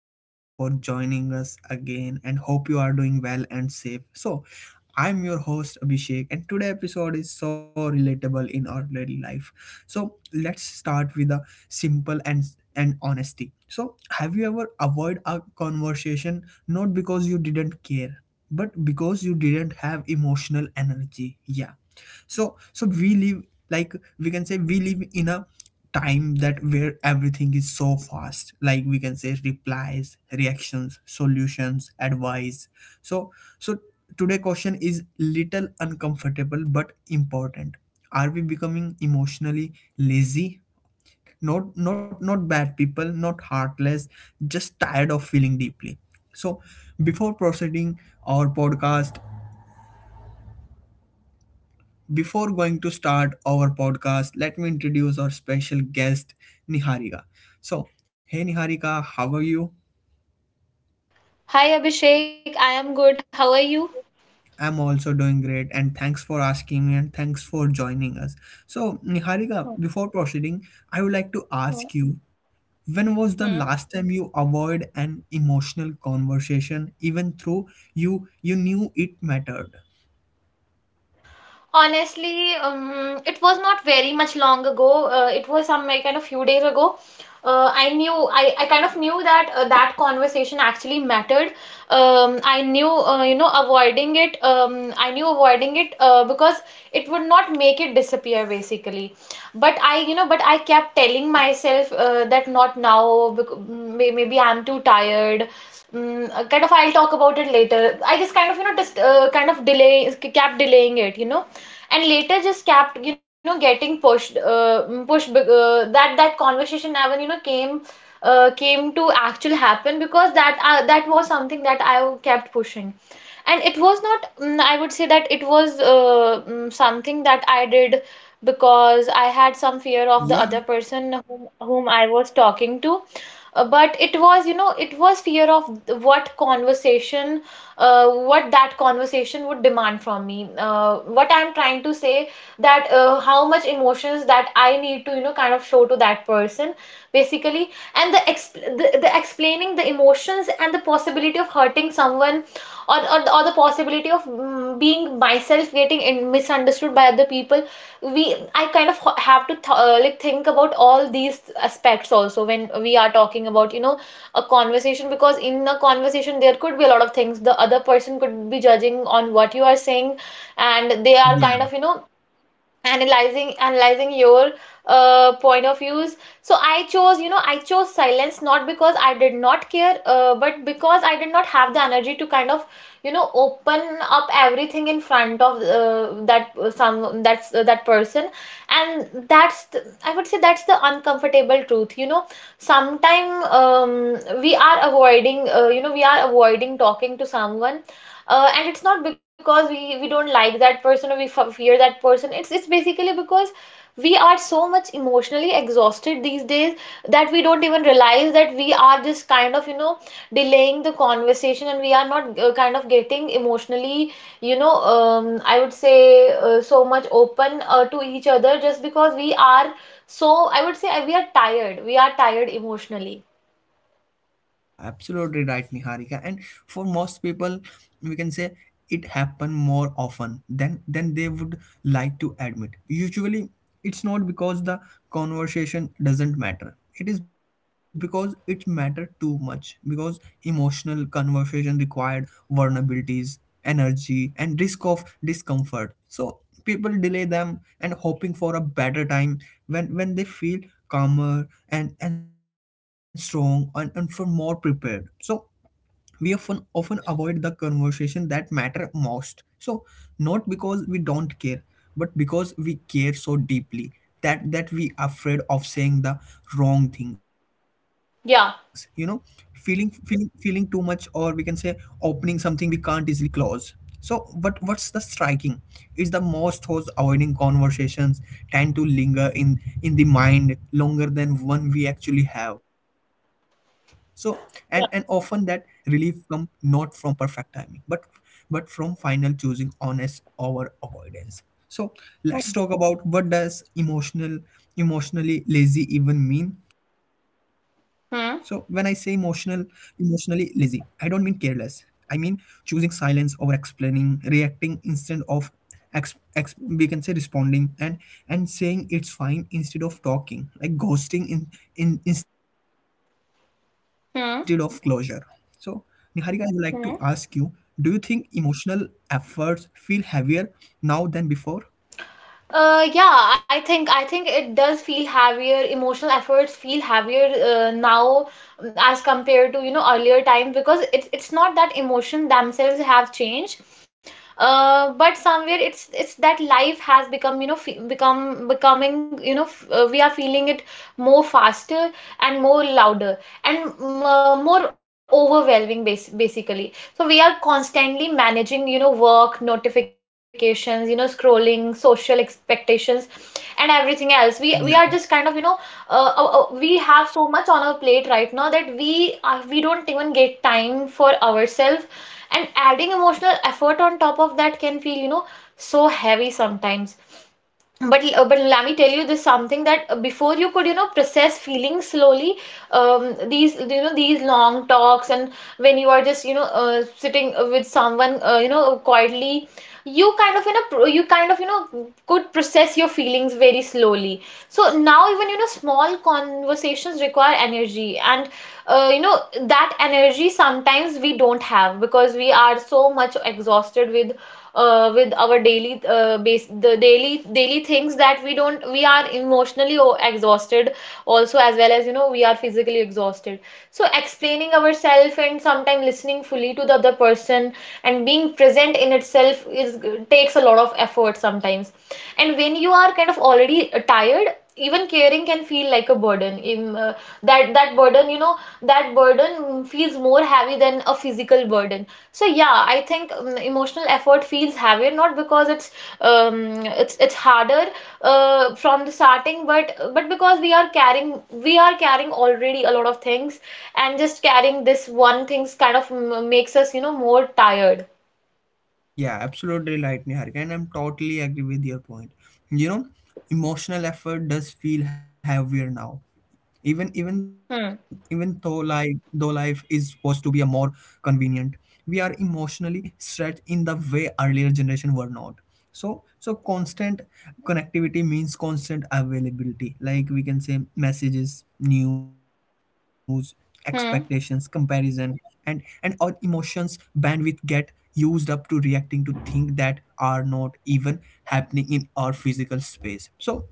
and thank you for joining us again and hope you are doing well and safe. I'm your host Abhishek, and today episode is so relatable in our daily life. So, let's start with a simple and honesty. So, have you ever avoid a conversation not because you didn't care, but because you didn't have emotional energy? Yeah, so we live, like we can say, we live in a time that where everything is so fast, like we can say, replies, reactions, solutions, advice. So so today question is little uncomfortable but important. Are we becoming emotionally lazy? Not bad people, not heartless, just tired of feeling deeply. so Before proceeding our podcast, before going to start our podcast, let me introduce our special guest, Niharika. So, hey Niharika, how are you? Hi Abhishek, I am good. How are you? I'm also doing great, and thanks for asking and thanks for joining us. So, Niharika, Hmm, before proceeding, I would like to hmm, ask you, when was the hmm. last time you avoid an emotional conversation even though you knew it mattered? Honestly, it was not very much long ago. It was some like, kind of few days ago. I knew I kind of knew that conversation actually mattered. I knew you know avoiding it. I knew avoiding it because it would not make it disappear basically. But I you know but I kept telling myself that not now. Maybe I'm too tired. Kind of I'll talk about it later. I just kind of you know just kind of delay kept delaying it, you know, and later just kept you know getting pushed pushed uh, that conversation never you know came came to actual happen because that was something that I kept pushing. And it was not, I would say that it was something that I did because I had some fear of the Yeah, other person whom I was talking to but it was, you know, it was fear of what conversation, what that conversation would demand from me. What I'm trying to say that how much emotions that I need to, you know, kind of show to that person, basically. And the explaining the emotions and the possibility of hurting someone or the possibility of being myself getting in, misunderstood by other people we I kind of have to th like think about all these aspects also when we are talking about, you know, a conversation because in a conversation there could be a lot of things. The other person could be judging on what you are saying and they are kind of, you know, analyzing your point of views. So I chose you know I chose silence not because I did not care but because I did not have the energy to kind of you know open up everything in front of that person. And that's the, I would say that's the uncomfortable truth, you know, sometime we are avoiding you know we are avoiding talking to someone, and it's not because we don't like that person or we f fear that person. It's basically because we are so much emotionally exhausted these days that we don't even realize that we are just kind of, you know, delaying the conversation and we are not kind of getting emotionally, you know, I would say so much open to each other just because we are so, I would say we are tired. We are tired emotionally. yeah, absolutely right, Niharika. And for most people, we can say it happen more often than they would like to admit. Usually, it's not because the conversation doesn't matter. It is because it matter too much. Because emotional conversation required vulnerabilities, energy, and risk of discomfort. So people delay them and hoping for a better time when they feel calmer and strong and for more prepared. So we often avoid the conversation that matter most, so not because we don't care, but because we care so deeply that we afraid of saying the wrong things, you know, feeling Yeah. feeling feeling too much, or we can say opening something we can't easily close. So what what's the striking? Is the most hosts avoiding conversations tend to linger in the mind longer than one we actually have. So and often that Yeah. relief come not from perfect timing, but from final choosing honest over avoidance. So let's talk about what does emotionally lazy even mean. So when I say emotional Hmm. emotionally lazy, I don't mean careless. I mean, choosing silence over explaining, reacting instead of we can say responding, and saying it's fine instead of talking, like ghosting in instead of closure. So, Hmm. Niharika, I would like to ask you: do you think Hmm. emotional efforts feel heavier now than before? Yeah, I think it does feel heavier. Emotional efforts feel heavier now as compared to you know earlier time because it's not that emotion themselves have changed but somewhere it's that life has become you know fe- become becoming you know we are feeling it more faster and more louder and more overwhelming basically. So we are constantly managing you know work notifications, you know, scrolling social expectations and everything else, we are just kind of Yeah, you know we have so much on our plate right now that we don't even get time for ourselves, and adding emotional effort on top of that can feel you know so heavy sometimes. But but let me tell you this something that before you could you know process feelings slowly, these you know these long talks and when you are just you know sitting with someone you know quietly, you kind of you know you kind of you know could process your feelings very slowly. So now even you know small conversations require energy and you know that energy sometimes we don't have because we are so much exhausted with our daily base the daily daily things that we don't we are emotionally exhausted also, as well as you know we are physically exhausted. So explaining ourselves and sometimes listening fully to the other person and being present in itself is takes a lot of effort sometimes, and when you are kind of already tired, even caring can feel like a burden in that burden you know that burden feels more heavy than a physical burden. So yeah, I think emotional effort feels heavier not because it's it's harder from the starting, but because we are carrying already a lot of things, and just carrying this one things kind of makes us you know more tired. yeah, absolutely right, Niharika, and I'm totally agree with your point. You know, emotional effort does feel heavier now, even even Hmm. even though, like though, life is supposed to be a more convenient. We are emotionally stretched in the way earlier generation were not. So constant connectivity means constant availability, like we can say, messages, news, expectations, Hmm. comparison. And our emotions bandwidth get used up to reacting to things that are not even happening in our physical space. So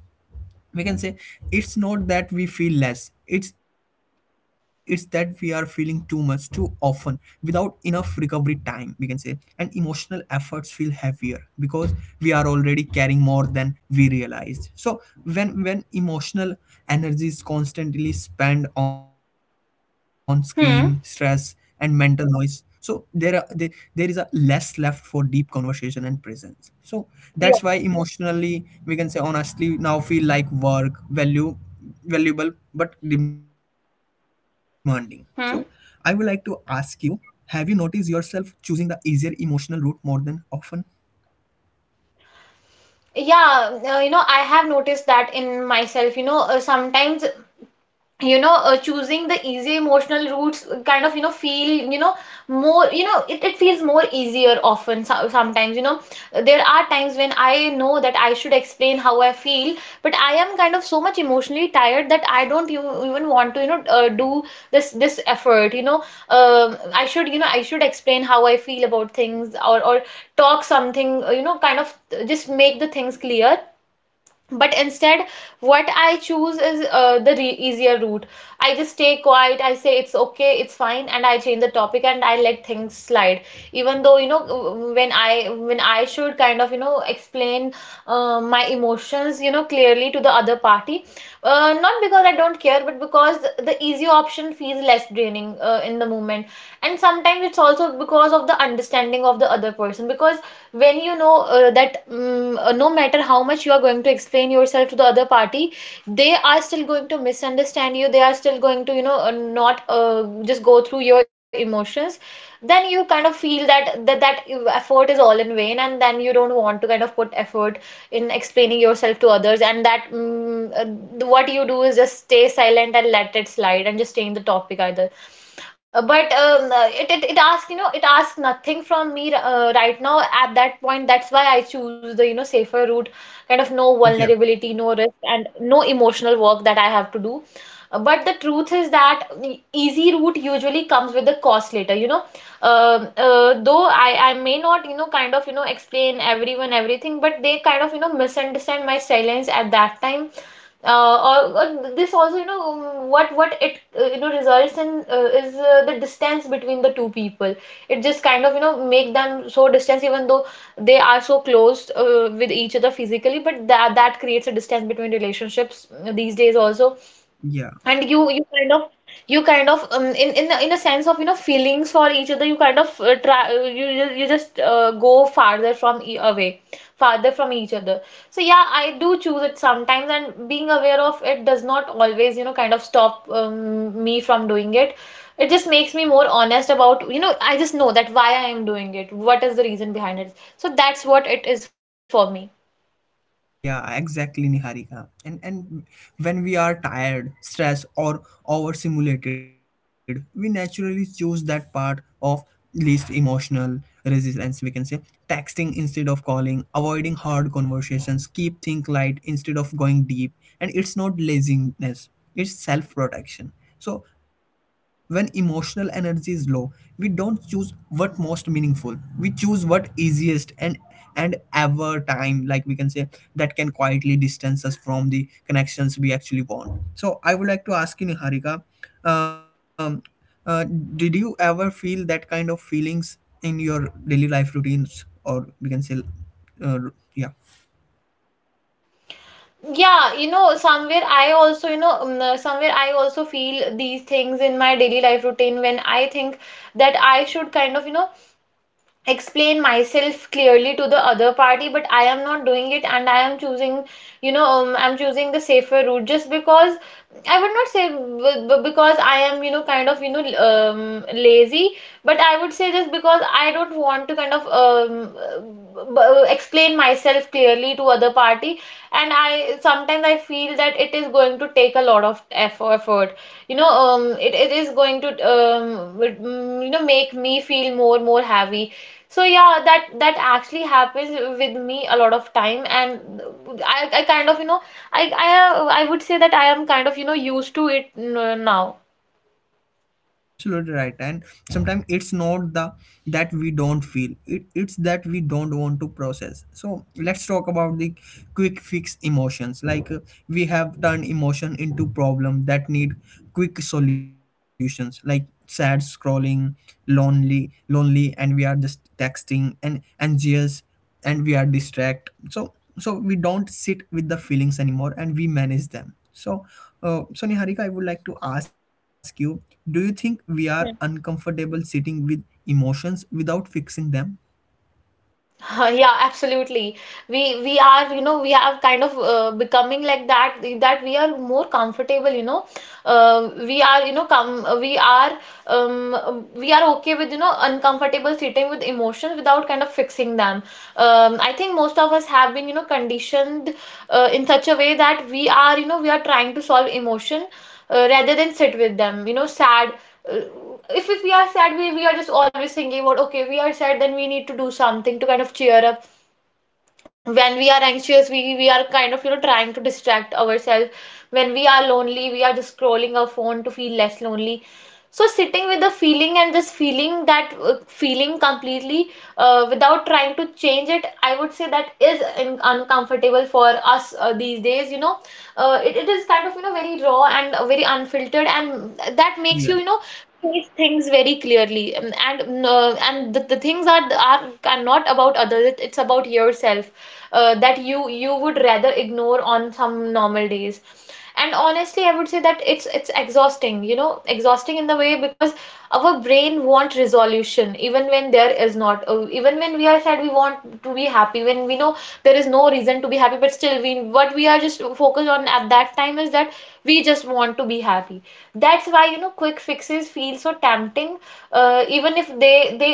we can say it's not that we feel less, it's that we are feeling too much too often without enough recovery time, we can say, and emotional efforts feel heavier because we are already carrying more than we realized. So when emotional energy is constantly spent on screen stress and Hmm. mental noise, so there is a less left for deep conversation and presence. So that's why Yeah. emotionally we can say honestly now feel like work value valuable but demanding. So I would like to ask Hmm. you, have you noticed yourself choosing the easier emotional route more than often? Yeah, you know, I have noticed that in myself. You know, sometimes you know choosing the easy emotional routes kind of you know feel you know more you know it feels more easier often. So, sometimes you know there are times when I know that I should explain how I feel, but I am kind of so much emotionally tired that I don't you, even want to you know do this effort you know. Um, I should explain how I feel about things, or talk something you know kind of just make the things clear, but instead what I choose is easier route. I just stay quiet, I say it's okay it's fine, and I change the topic and I let things slide, even though you know when I should kind of you know explain my emotions you know clearly to the other party, not because I don't care but because the easy option feels less draining in the moment. And sometimes it's also because of the understanding of the other person, because when you know no matter how much you are going to explain yourself to the other party, they are still going to misunderstand you, they are still going to you know not just go through your emotions. Then you kind of feel that, that effort is all in vain, and then you don't want to kind of put effort in explaining yourself to others, and that what you do is just stay silent and let it slide and just stay in the topic either. But it it asks you know it asks nothing from me right now at that point. That's why I choose the you know safer route, kind of no Yeah, vulnerability, no risk, and no emotional work that I have to do. But the truth is that the easy route usually comes with the cost later, you know. Though I may not, you know, kind of, you know, explain everyone everything, but they kind of, you know, misunderstand my silence at that time, uh, or, or this also you know what it you know results in is the distance between the two people. It just kind of you know make them so distance, even though they are so close with each other physically, but that creates a distance between relationships these days also. yeah, And you kind of you kind of in a sense of you know feelings for each other, you kind of try you you you just go farther from e away farther from each other. So yeah, I do choose it sometimes, and being aware of it does not always you know kind of stop me from doing it. It just makes me more honest about, you know, I just know that why I am doing it, what is the reason behind it. So that's what it is for me. yeah, exactly, Niharika. And when we are tired, stressed, or overstimulated, we naturally choose that part of least emotional resistance. We can say texting instead of calling, avoiding hard conversations, keep think light instead of going deep. And it's not laziness; it's self protection. So, when emotional energy is low, we don't choose what most meaningful. We choose what easiest, and ever time, like we can say, that can quietly distance us from the connections we actually want. So, I would like to ask you, Niharika, um, uh, did you ever feel that kind of feelings in your daily life routines, or we can say, uh, yeah? Yeah, you know, somewhere I also, you know, somewhere I also feel these things in my daily life routine when I think that I should kind of, you know, explain myself clearly to the other party, but I am not doing it and I am choosing you know I'm choosing the safer route just because I would not say because I am you know kind of you know lazy, but I would say just because I don't want to kind of b- explain myself clearly to other party. And I sometimes I feel that it is going to take a lot of effort you know. It is going to you know make me feel more more heavy. So yeah, that that actually happens with me a lot of time, and I kind of you know I I would say that I am kind of you know used to it now. Yeah, absolutely right. And sometimes it's not the that we don't feel it, it's that we don't want to process. So let's talk about the quick fix emotions. Like we have turned emotion into problem that need quick solutions. Like sad scrolling, lonely, and we are just texting and anxious, and we are distract. So so we don't sit with the feelings anymore and we manage them. So so Niharika, I would like to ask you, do you think we are uncomfortable sitting with emotions without fixing them? Yeah, absolutely. We are, you know, we have kind of becoming like that we are more comfortable, you know. Come we are we are okay with, you know, uncomfortable sitting with emotions without kind of fixing them. I think most of us have been, you know, conditioned in such a way that we are, you know, we are trying to solve emotion rather than sit with them. You know, sad uh, if we are sad, we are just always thinking about okay, we are sad, then we need to do something to kind of cheer up. When we are anxious, we are kind of you know trying to distract ourselves. When we are lonely, we are just scrolling our phone to feel less lonely. So sitting with the feeling and just feeling that feeling completely without trying to change it, I would say that is uncomfortable for us these days, you know. It is kind of you know very raw and very unfiltered, and that Yeah, makes you you know face things very clearly. And the things are not about others. It's about yourself. That you would rather ignore on some normal days. And honestly, I would say that it's exhausting, you know, exhausting in the way, because our brain want resolution even when there is not. Even when we are sad, we want to be happy when we know there is no reason to be happy, but still we, what we are just focused on at that time, is that we just want to be happy. That's why, you know, quick fixes feel so tempting, even if they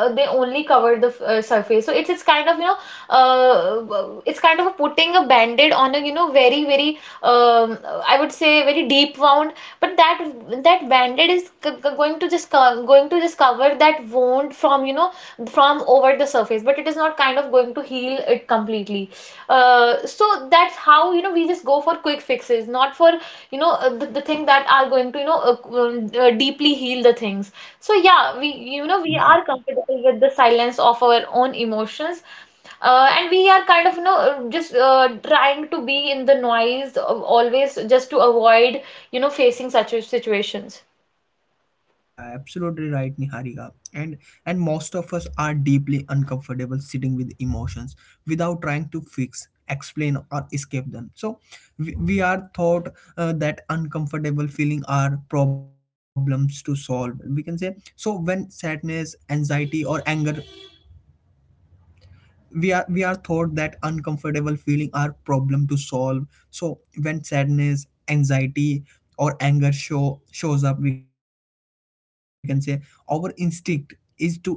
they only cover the surface. So it's kind of you know, uh, it's kind of putting a band-aid on a, you know, very very, um, I would say very deep wound. But that band-aid is going to just cover that wound from, you know, from over the surface, but it is not kind of going to heal it completely. So that's how, you know, we just go for quick fixes, not for, you know, the thing that are going to, you know, deeply heal the things. So yeah, we, you know, yeah, we are comfortable with the silence of our own emotions. And we are kind of, you know, just trying to be in the always, just to avoid, you know, facing such situations. yeah, absolutely right, Niharika. And most of us are deeply uncomfortable sitting with emotions without trying to fix, explain, or escape them. So we are thought that uncomfortable feeling are problems to solve. We can say so when sadness, anxiety, or anger we are taught that uncomfortable feeling are problem to solve. So when sadness, anxiety, or anger shows up, we can say our instinct is to distract ourselves,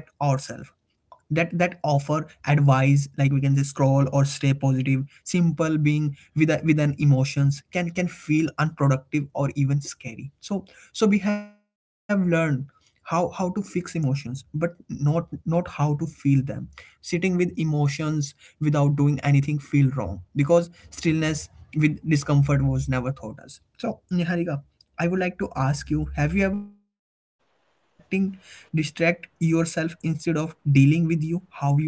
that offer advice, like we can say, scroll or stay positive. Simple being with a, with an emotions can feel unproductive or even scary. So so we have learned how to fix emotions but not how to feel them. Sitting with emotions without doing anything feel wrong because stillness with discomfort was never taught us. So Niharika, I would like to ask you, have you ever distract yourself instead of dealing with you how you actually felt?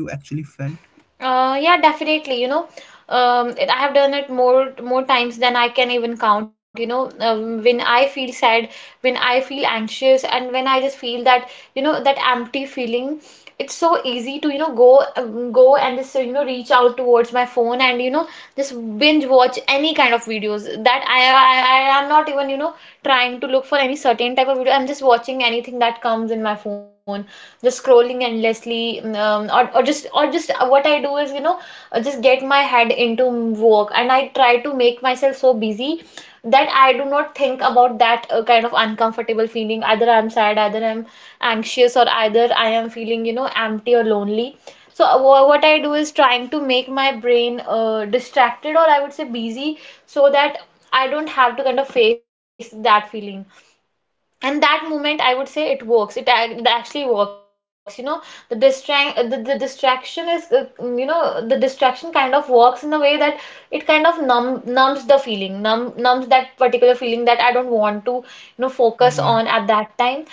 Yeah, definitely. You know, I have done it more times than I can even count. You know, when I feel sad, when I feel anxious, and when I just feel that, you know, that empty feeling, it's so easy to, you know, go and just, you know, reach out towards my phone and, you know, just binge watch any kind of videos, that I am not even, you know, trying to look for any certain type of video. I'm just watching anything that comes in my phone, just scrolling endlessly, or just what I do is, you know, just get my head into work, and I try to make myself so busy that I do not think about that kind of uncomfortable feeling, either I'm sad, either I'm anxious, or either I am feeling, you know, empty or lonely. So what I do is trying to make my brain distracted, or I would say busy, so that I don't have to kind of face that feeling. And that moment, I would say it works, it actually works, you know. The distraction is you know, the distraction kind of works in a way that it kind of numbs the feeling, numbs that particular feeling that I don't want to, you know, Yeah, focus on at that time.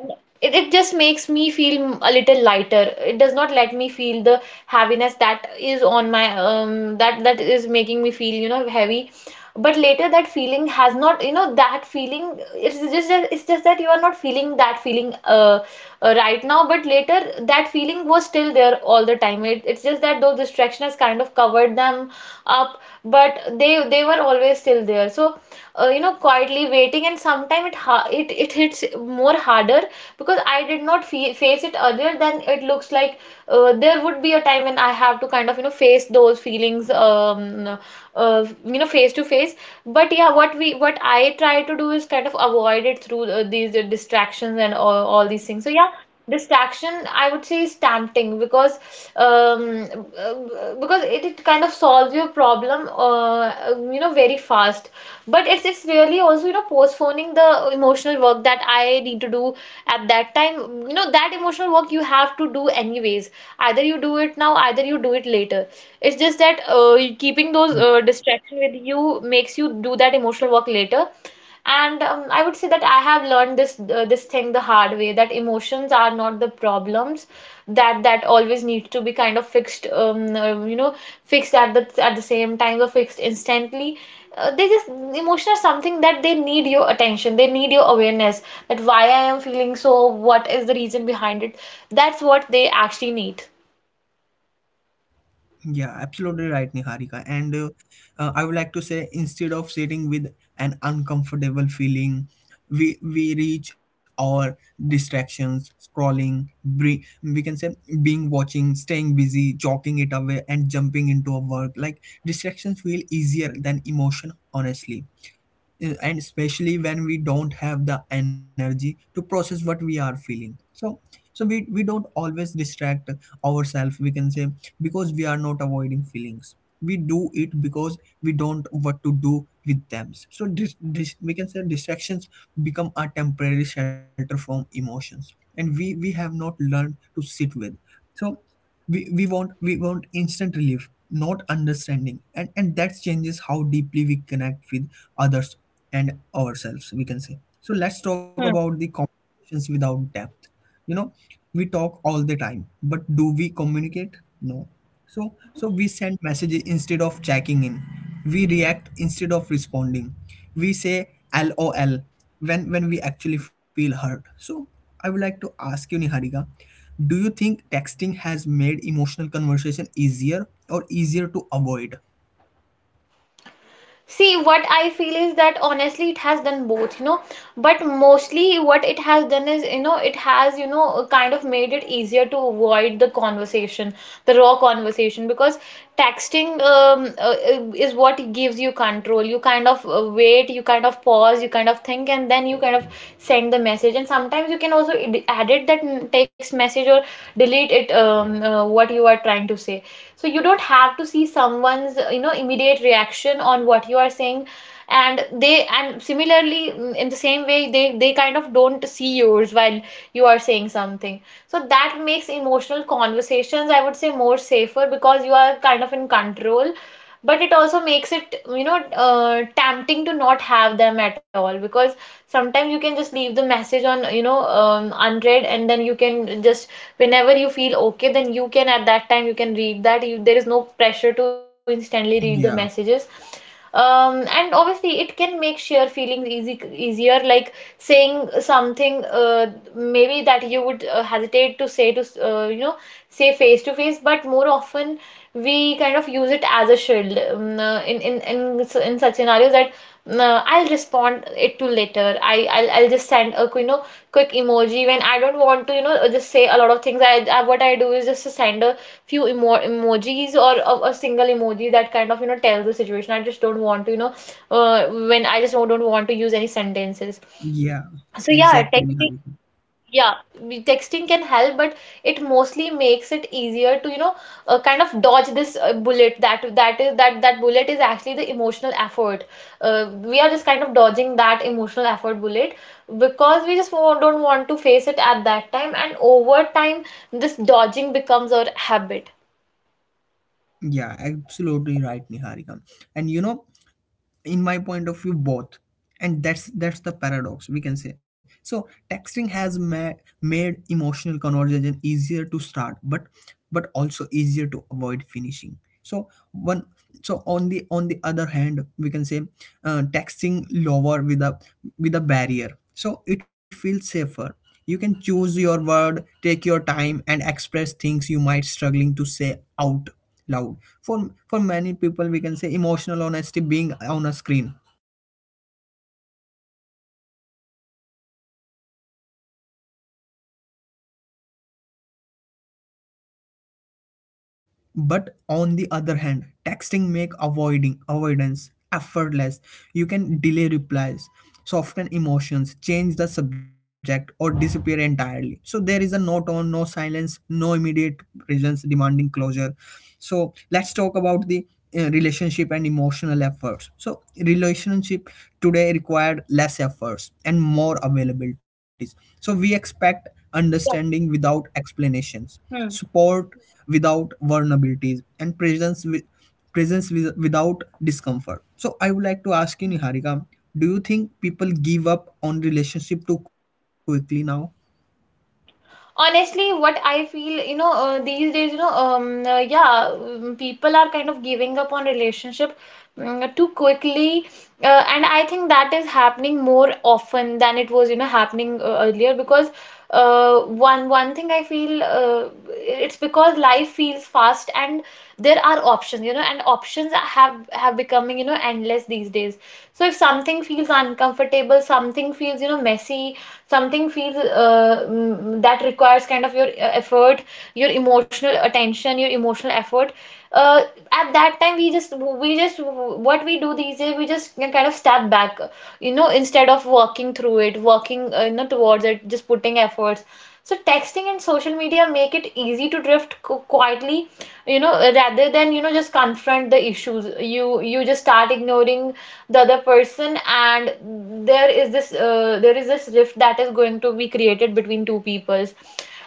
And it just makes me feel a little lighter. It does not let me feel the heaviness that is on my that that is making me feel, you know, heavy. But later, that feeling has not, you know, that feeling, it's just that you are not feeling that feeling right now, but later, that feeling was still there all the time. It's just that those distractions kind of covered them up, but they were always still there. So you know, quietly waiting, and sometimes it ha- it hits more harder, because I did not face it earlier, then it looks like there would be a time when I have to kind of, you know, face those feelings you know, face to face. But yeah, what I try to do is kind of avoid it through these distractions, and all these things, so yeah. Distraction, I would say, is tempting um because it kind of solves your problem, you know, very fast. But it's really also, you know, postponing the emotional work that I need to do at that time. You know, that emotional work you have to do anyways, either you do it now, either you do it later. It's just that keeping those yeah, distraction with you makes you do that emotional work later. And I would say that I have learned this thing the hard way, that emotions are not the problems that always need to be kind of fixed, you know, fixed at the same time, or fixed instantly. They just emotions are something that they need your attention. They need your awareness, that why I am feeling so. What is the reason behind it? That's what they actually need. yeah, absolutely right, Niharika. And I would like to say, instead of sitting with an uncomfortable feeling, we reach our distractions, scrolling, we can say being watching, staying busy, jogging it away, and jumping into a work. Like distractions feel easier than emotion, honestly, and especially when we don't have the energy to process what we are feeling. So so we don't always distract ourselves, we can say, because we are not avoiding feelings. We do it because we don't what to do with them. So this we can say distractions become a temporary shelter from emotions, and we have not learned to sit with. So we want, we want instant relief, not understanding, and that changes how deeply we connect with others and ourselves, we can say. So let's talk about the conversations without depth, you know. We talk all the time, but do we communicate? No. So, so we send messages instead of checking in. We react instead of responding. We say LOL when we actually feel hurt. So, I would like to ask you, Niharika, do you think texting has made emotional conversation easier or easier to avoid? See, what I feel is that honestly, it has done both, you know. But mostly what it has done is, you know, it has, you know, kind of made it easier to avoid the conversation, the raw conversation, because texting is what gives you control. You kind of wait, you kind of pause, you kind of think, and then you kind of send the message. And sometimes you can also edit that text message, or delete it, what you are trying to say. So you don't have to see someone's you know, immediate reaction on what you are saying. And similarly, in the same way, they kind of don't see yours while you are saying something. So that makes emotional conversations, I would say, more safer, because you are kind of in control. But it also makes it, you know, tempting to not have them at all, because sometimes you can just leave the message on, you know, unread, and then you can just, whenever you feel okay, then you can, at that time, you can read that. There is no pressure to instantly read the Yeah, messages. And obviously it can make share feelings easy easier, like saying something maybe that you would hesitate to say to, you know, say face to face, but more often we kind of use it as a shield, in such scenarios that I'll respond it to later. I'll just send a, you know, quick emoji, when I don't want to, you know, just say a lot of things. I what I do is just to send a few emojis, or a single emoji that kind of, you know, tells the situation. I just don't want to, you know. When I just don't want to use any sentences. yeah, exactly, Niharika. Yeah, texting can help, but it mostly makes it easier to, you know, kind of dodge this bullet. That bullet is actually the emotional effort. We are just kind of dodging that emotional effort bullet, because we just don't want to face it at that time. And over time, this dodging becomes our habit. Yeah, absolutely right, Niharika. And you know, in my point of view both, and that's the paradox, we can say. So texting has made emotional conversation easier to start, but also easier to avoid finishing. So one, so on the other hand, we can say texting lower with a barrier, so it feels safer. You can choose your word, take your time, and express things you might struggling to say out loud. For many people, we can say emotional honesty being on a screen, but on the other hand, texting make avoiding avoidance effortless. You can delay replies, soften emotions, change the subject, or disappear entirely. So there is a no tone, no silence, no immediate presence demanding closure. So let's talk about the relationship and emotional efforts. So relationship today required less efforts and more availabilities. So we expect understanding without explanations, Yeah. support without vulnerabilities, and presence with, without discomfort. So I would like to ask you, Niharika, do you think people give up on relationship too quickly now? Honestly, what I feel, these days, yeah, people are kind of giving up on relationship, too quickly. And I think that is happening more often than it was, happening, earlier, because one thing I feel, it's because life feels fast, and there are options, and options have becoming, endless these days. So if something feels uncomfortable, something feels, messy, something feels, that requires kind of your effort, your emotional attention, your emotional effort. uh, at that time, we just what we do these days, we just kind of step back, instead of working through it, working, towards it, just putting efforts. So texting and social media make it easy to drift quietly, rather than, just confront the issues, you just start ignoring the other person, and there is this rift that is going to be created between two peoples.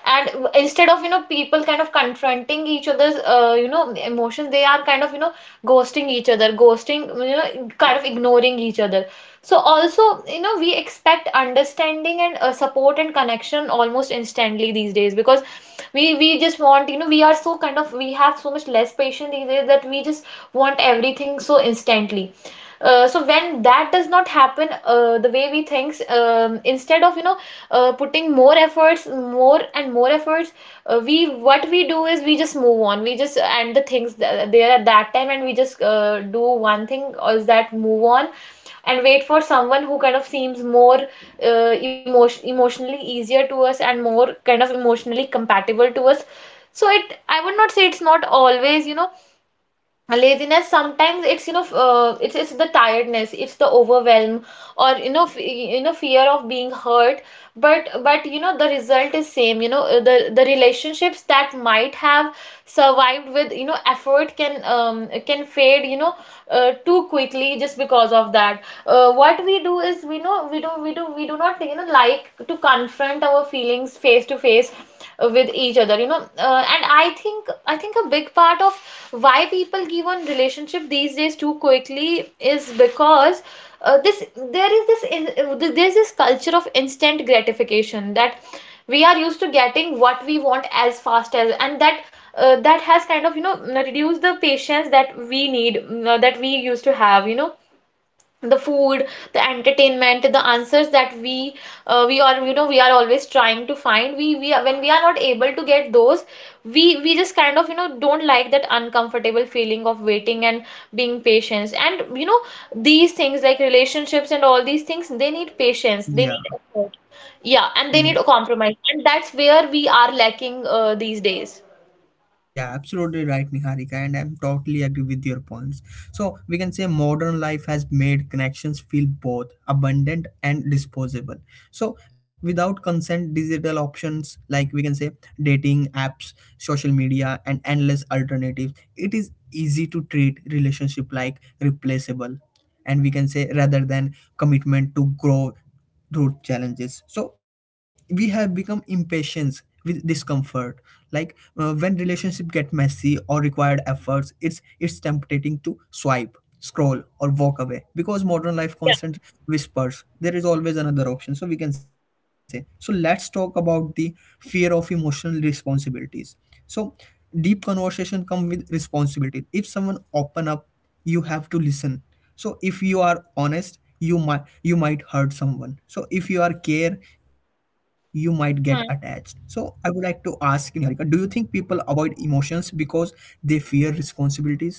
And instead of, people kind of confronting each other's, emotions, they are kind of, ghosting each other, ghosting, kind of ignoring each other. So also, we expect understanding and, support and connection almost instantly these days, because we just want, we are so kind of — we have so much less patience these days that we just want everything so instantly. So when that does not happen, the way we thinks, instead of, putting more efforts, more and more efforts. We, what we do is, we just move on, we just end the things there at that time, and we just, do one thing or is that move on, and wait for someone who kind of seems more, uh, emotionally easier to us and more kind of emotionally compatible to us. So, it — I would not say it's not always, laziness. Sometimes it's, it's the tiredness, it's the overwhelm, or, fear of being hurt. But, the result is same, the relationships that might have survived with, effort, can, can fade, too quickly just because of that. What we do is, we know, we do, we do not, like to confront our feelings face to face, with each other, and I think a big part of why people give on relationship these days too quickly is because, this there is this in, there's this culture of instant gratification, that we are used to getting what we want as fast as, and that, that has kind of, reduced the patience that we need, that we used to have, the food, the entertainment, the answers that we, we are you know we are always trying to find — when we are not able to get those, we just kind of, don't like that uncomfortable feeling of waiting and being patient, and, these things like relationships and all these things, they need patience, Yeah, they need effort, yeah, and they yeah, need a compromise, and that's where we are lacking, these days. yeah, absolutely right, Niharika, and I'm totally agree with your points. So we can say modern life has made connections feel both abundant and disposable. So without consent, digital options like we can say dating apps, social media, and endless alternatives, it is easy to treat relationship like replaceable, and we can say rather than commitment to grow road challenges. So we have become impatient with discomfort, like when relationship get messy or required efforts, it's tempting to swipe, scroll, or walk away, because modern life constant whispers there is always another option, so we can say. So let's talk about the fear of emotional responsibilities. So deep conversation come with responsibility. If someone open up, you have to listen. So if you are honest, you might hurt someone. So if you are care, you might get attached. Yeah. So I would like to ask you, Niharika, do you think people avoid emotions because they fear responsibilities?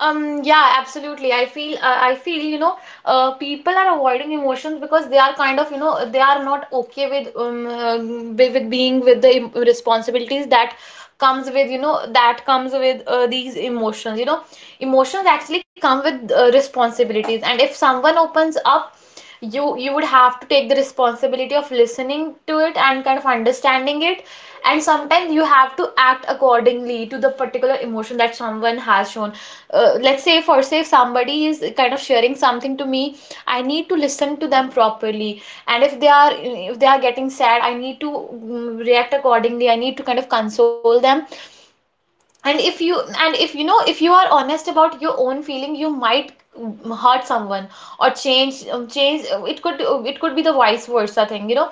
Yeah, absolutely. I feel, people are avoiding emotions because they are kind of, they are not okay with, with being with the responsibilities that comes with, these emotions. Emotions actually come with, responsibilities, and if someone opens up, you would have to take the responsibility of listening to it and kind of understanding it, and sometimes you have to act accordingly to the particular emotion that someone has shown. Let's say, for say, if somebody is kind of sharing something to me, I need to listen to them properly, and if they are getting sad, I need to, react accordingly, I need to kind of console them. And if you — and if you know, if you are honest about your own feeling, you might, hurt someone, or change, it could be the vice versa thing,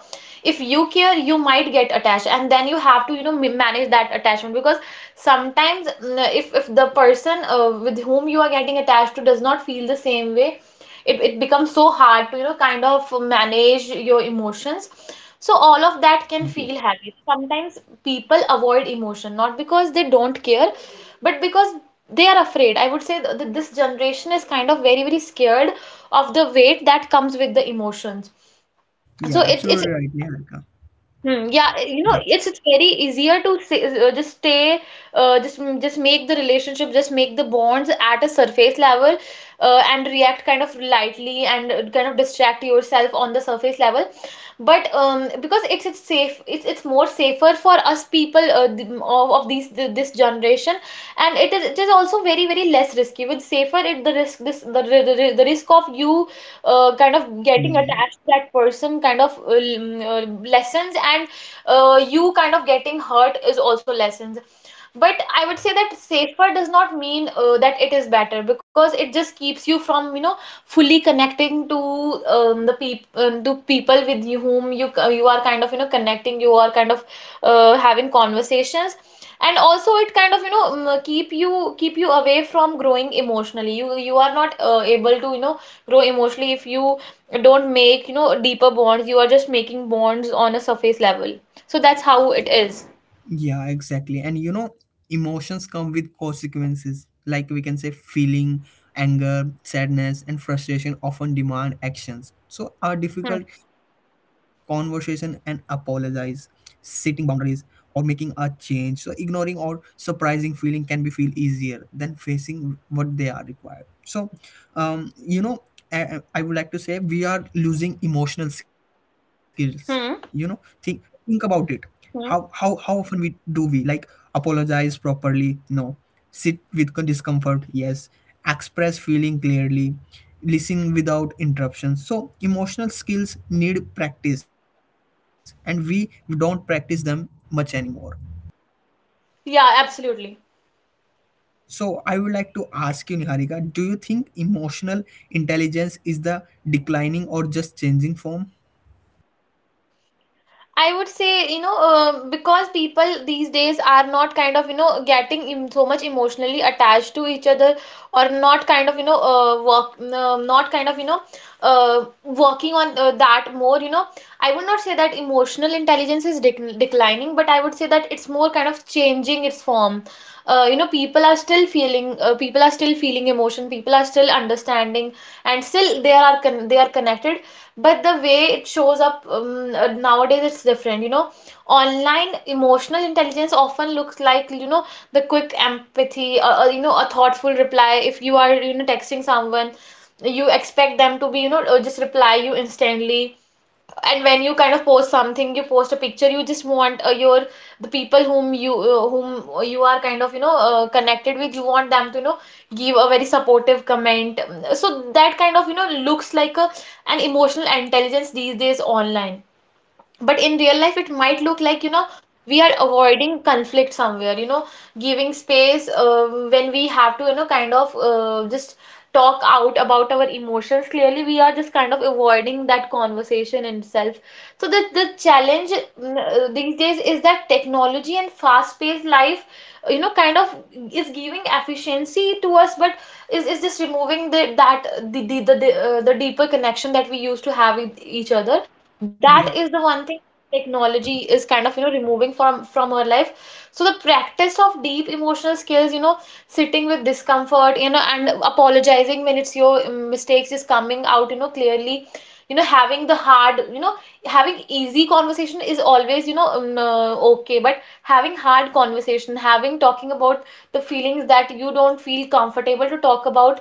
if you care, you might get attached, and then you have to, manage that attachment, because sometimes, if the person, with whom you are getting attached to, does not feel the same way, it becomes so hard to, kind of manage your emotions. So all of that can Yeah, feel heavy sometimes. People avoid emotion not because they don't care, but because they are afraid. I would say that this generation is kind of very, very scared of the weight that comes with the emotions. yeah, So absolutely it's right, Niharika. Hmm, yeah, Yeah. It's very easier to say, just stay, just make the relationship, just make the bonds at a surface level, and react kind of lightly, and, kind of distract yourself on the surface level. But, because it's safe, it's more safer for us people, of this generation, and it is also very, very less risky. With safer, it — the risk, this — the risk of you, kind of Hmm. getting attached to that person kind of, lessons, and, you kind of getting hurt is also lessons. But I would say that safer does not mean, that it is better, because it just keeps you from, fully connecting to, the peop to people with you whom you are kind of, connecting, you are kind of, having conversations, and also it kind of, keep you away from growing emotionally. You are not, able to, grow emotionally if you don't make, deeper bonds. You are just making bonds on a surface level. So that's how it is. Yeah, exactly. And you know, emotions come with consequences. Like we can say, feeling, anger, sadness, and frustration often demand actions. So, a Hmm. difficult conversation and apologize, setting boundaries, or making a change. So, ignoring or surprising feeling can be feel easier than facing what they are required. So, you know, I would like to say we are losing emotional skills. You know, think Hmm. think about it, how Hmm. often we do we like apologize properly, no, sit with discomfort, yes, express feeling clearly, listen without interruptions. So emotional skills need practice, and we don't practice them much anymore. Yeah, absolutely. So I would like to ask you, Niharika, do you think emotional intelligence is the declining or just changing form? I would say, because people these days are not kind of, getting, so much emotionally attached to each other, or not kind of, not kind of, working on, that more, I would not say that emotional intelligence is declining, but I would say that it's more kind of changing its form. People are still feeling, emotion, people are still understanding, and still they are connected, but the way it shows up, nowadays, it's different, online emotional intelligence often looks like, the quick empathy, or a thoughtful reply. If you are, texting someone, you expect them to be, just reply you instantly, and when you kind of post something, you post a picture, you just want, your — the people whom you are kind of, connected with, you want them to, give a very supportive comment, so that kind of, looks like a an emotional intelligence these days online. But in Yeah, real life, it might look like, we are avoiding conflict somewhere, giving space, when we have to, kind of, just talk out about our emotions. Clearly, we are just kind of avoiding that conversation in itself. So the challenge, these days, is that technology and fast-paced life, kind of is giving efficiency to us, but is just removing the that the deeper connection that we used to have with each other. That yeah, is the one technology is kind of, removing from our life. So the practice of deep emotional skills, sitting with discomfort, and apologizing when it's your, mistakes is coming out, clearly, having the hard, having easy conversation is always, okay, but having hard conversation, having, talking about the feelings that you don't feel comfortable to talk about,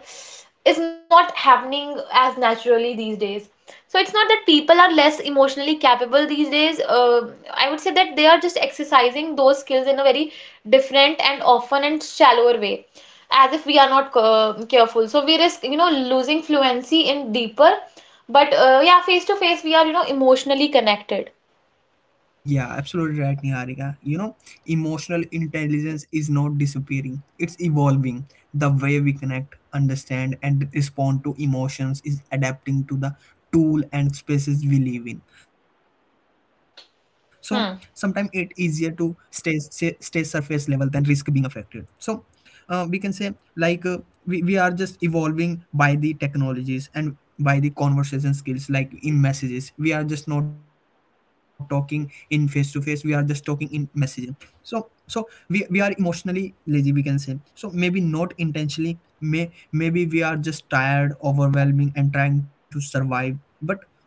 is not happening as naturally these days. So it's not that people are less emotionally capable these days. I would say that they are just exercising those skills in a very different, and often, and shallower way, as if we are not, careful. So we risk, losing fluency in deeper, but, yeah, face to face, we are, emotionally connected. yeah, absolutely right, Niharika. You know, emotional intelligence is not disappearing, it's evolving. The way we connect, understand, and respond to emotions is adapting to the tool and spaces we live in. So sometimes it's easier to Hmm. Stay surface level than risk being affected. So we can say, like we are just evolving by the technologies and by the conversation skills, like in messages we are just not talking in face to face, we are just talking in messaging. So so we are emotionally lazy, we can say. So maybe not intentionally, maybe we are just tired, overwhelming, and trying to survive. But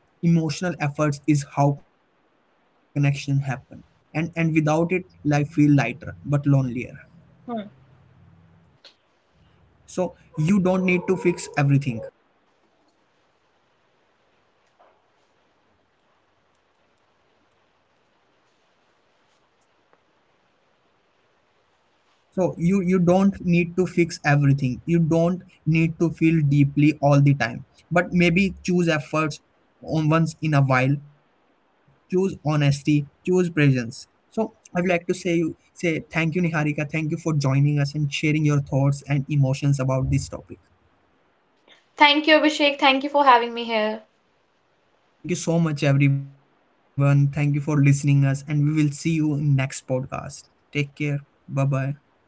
emotional efforts is how connection happen, and without it life feel lighter but lonelier. Hmm. So you don't need to fix everything. So you don't need to fix everything. You don't need to feel deeply all the time. But maybe choose efforts on once in a while. Choose honesty. Choose presence. So I would like to say you say thank you, Niharika. Thank you for joining us and sharing your thoughts and emotions about this topic. Thank you, Abhishek. Thank you for having me here. Thank you so much, everyone. Thank you for listening us, and we will see you in next podcast. Take care. Bye bye.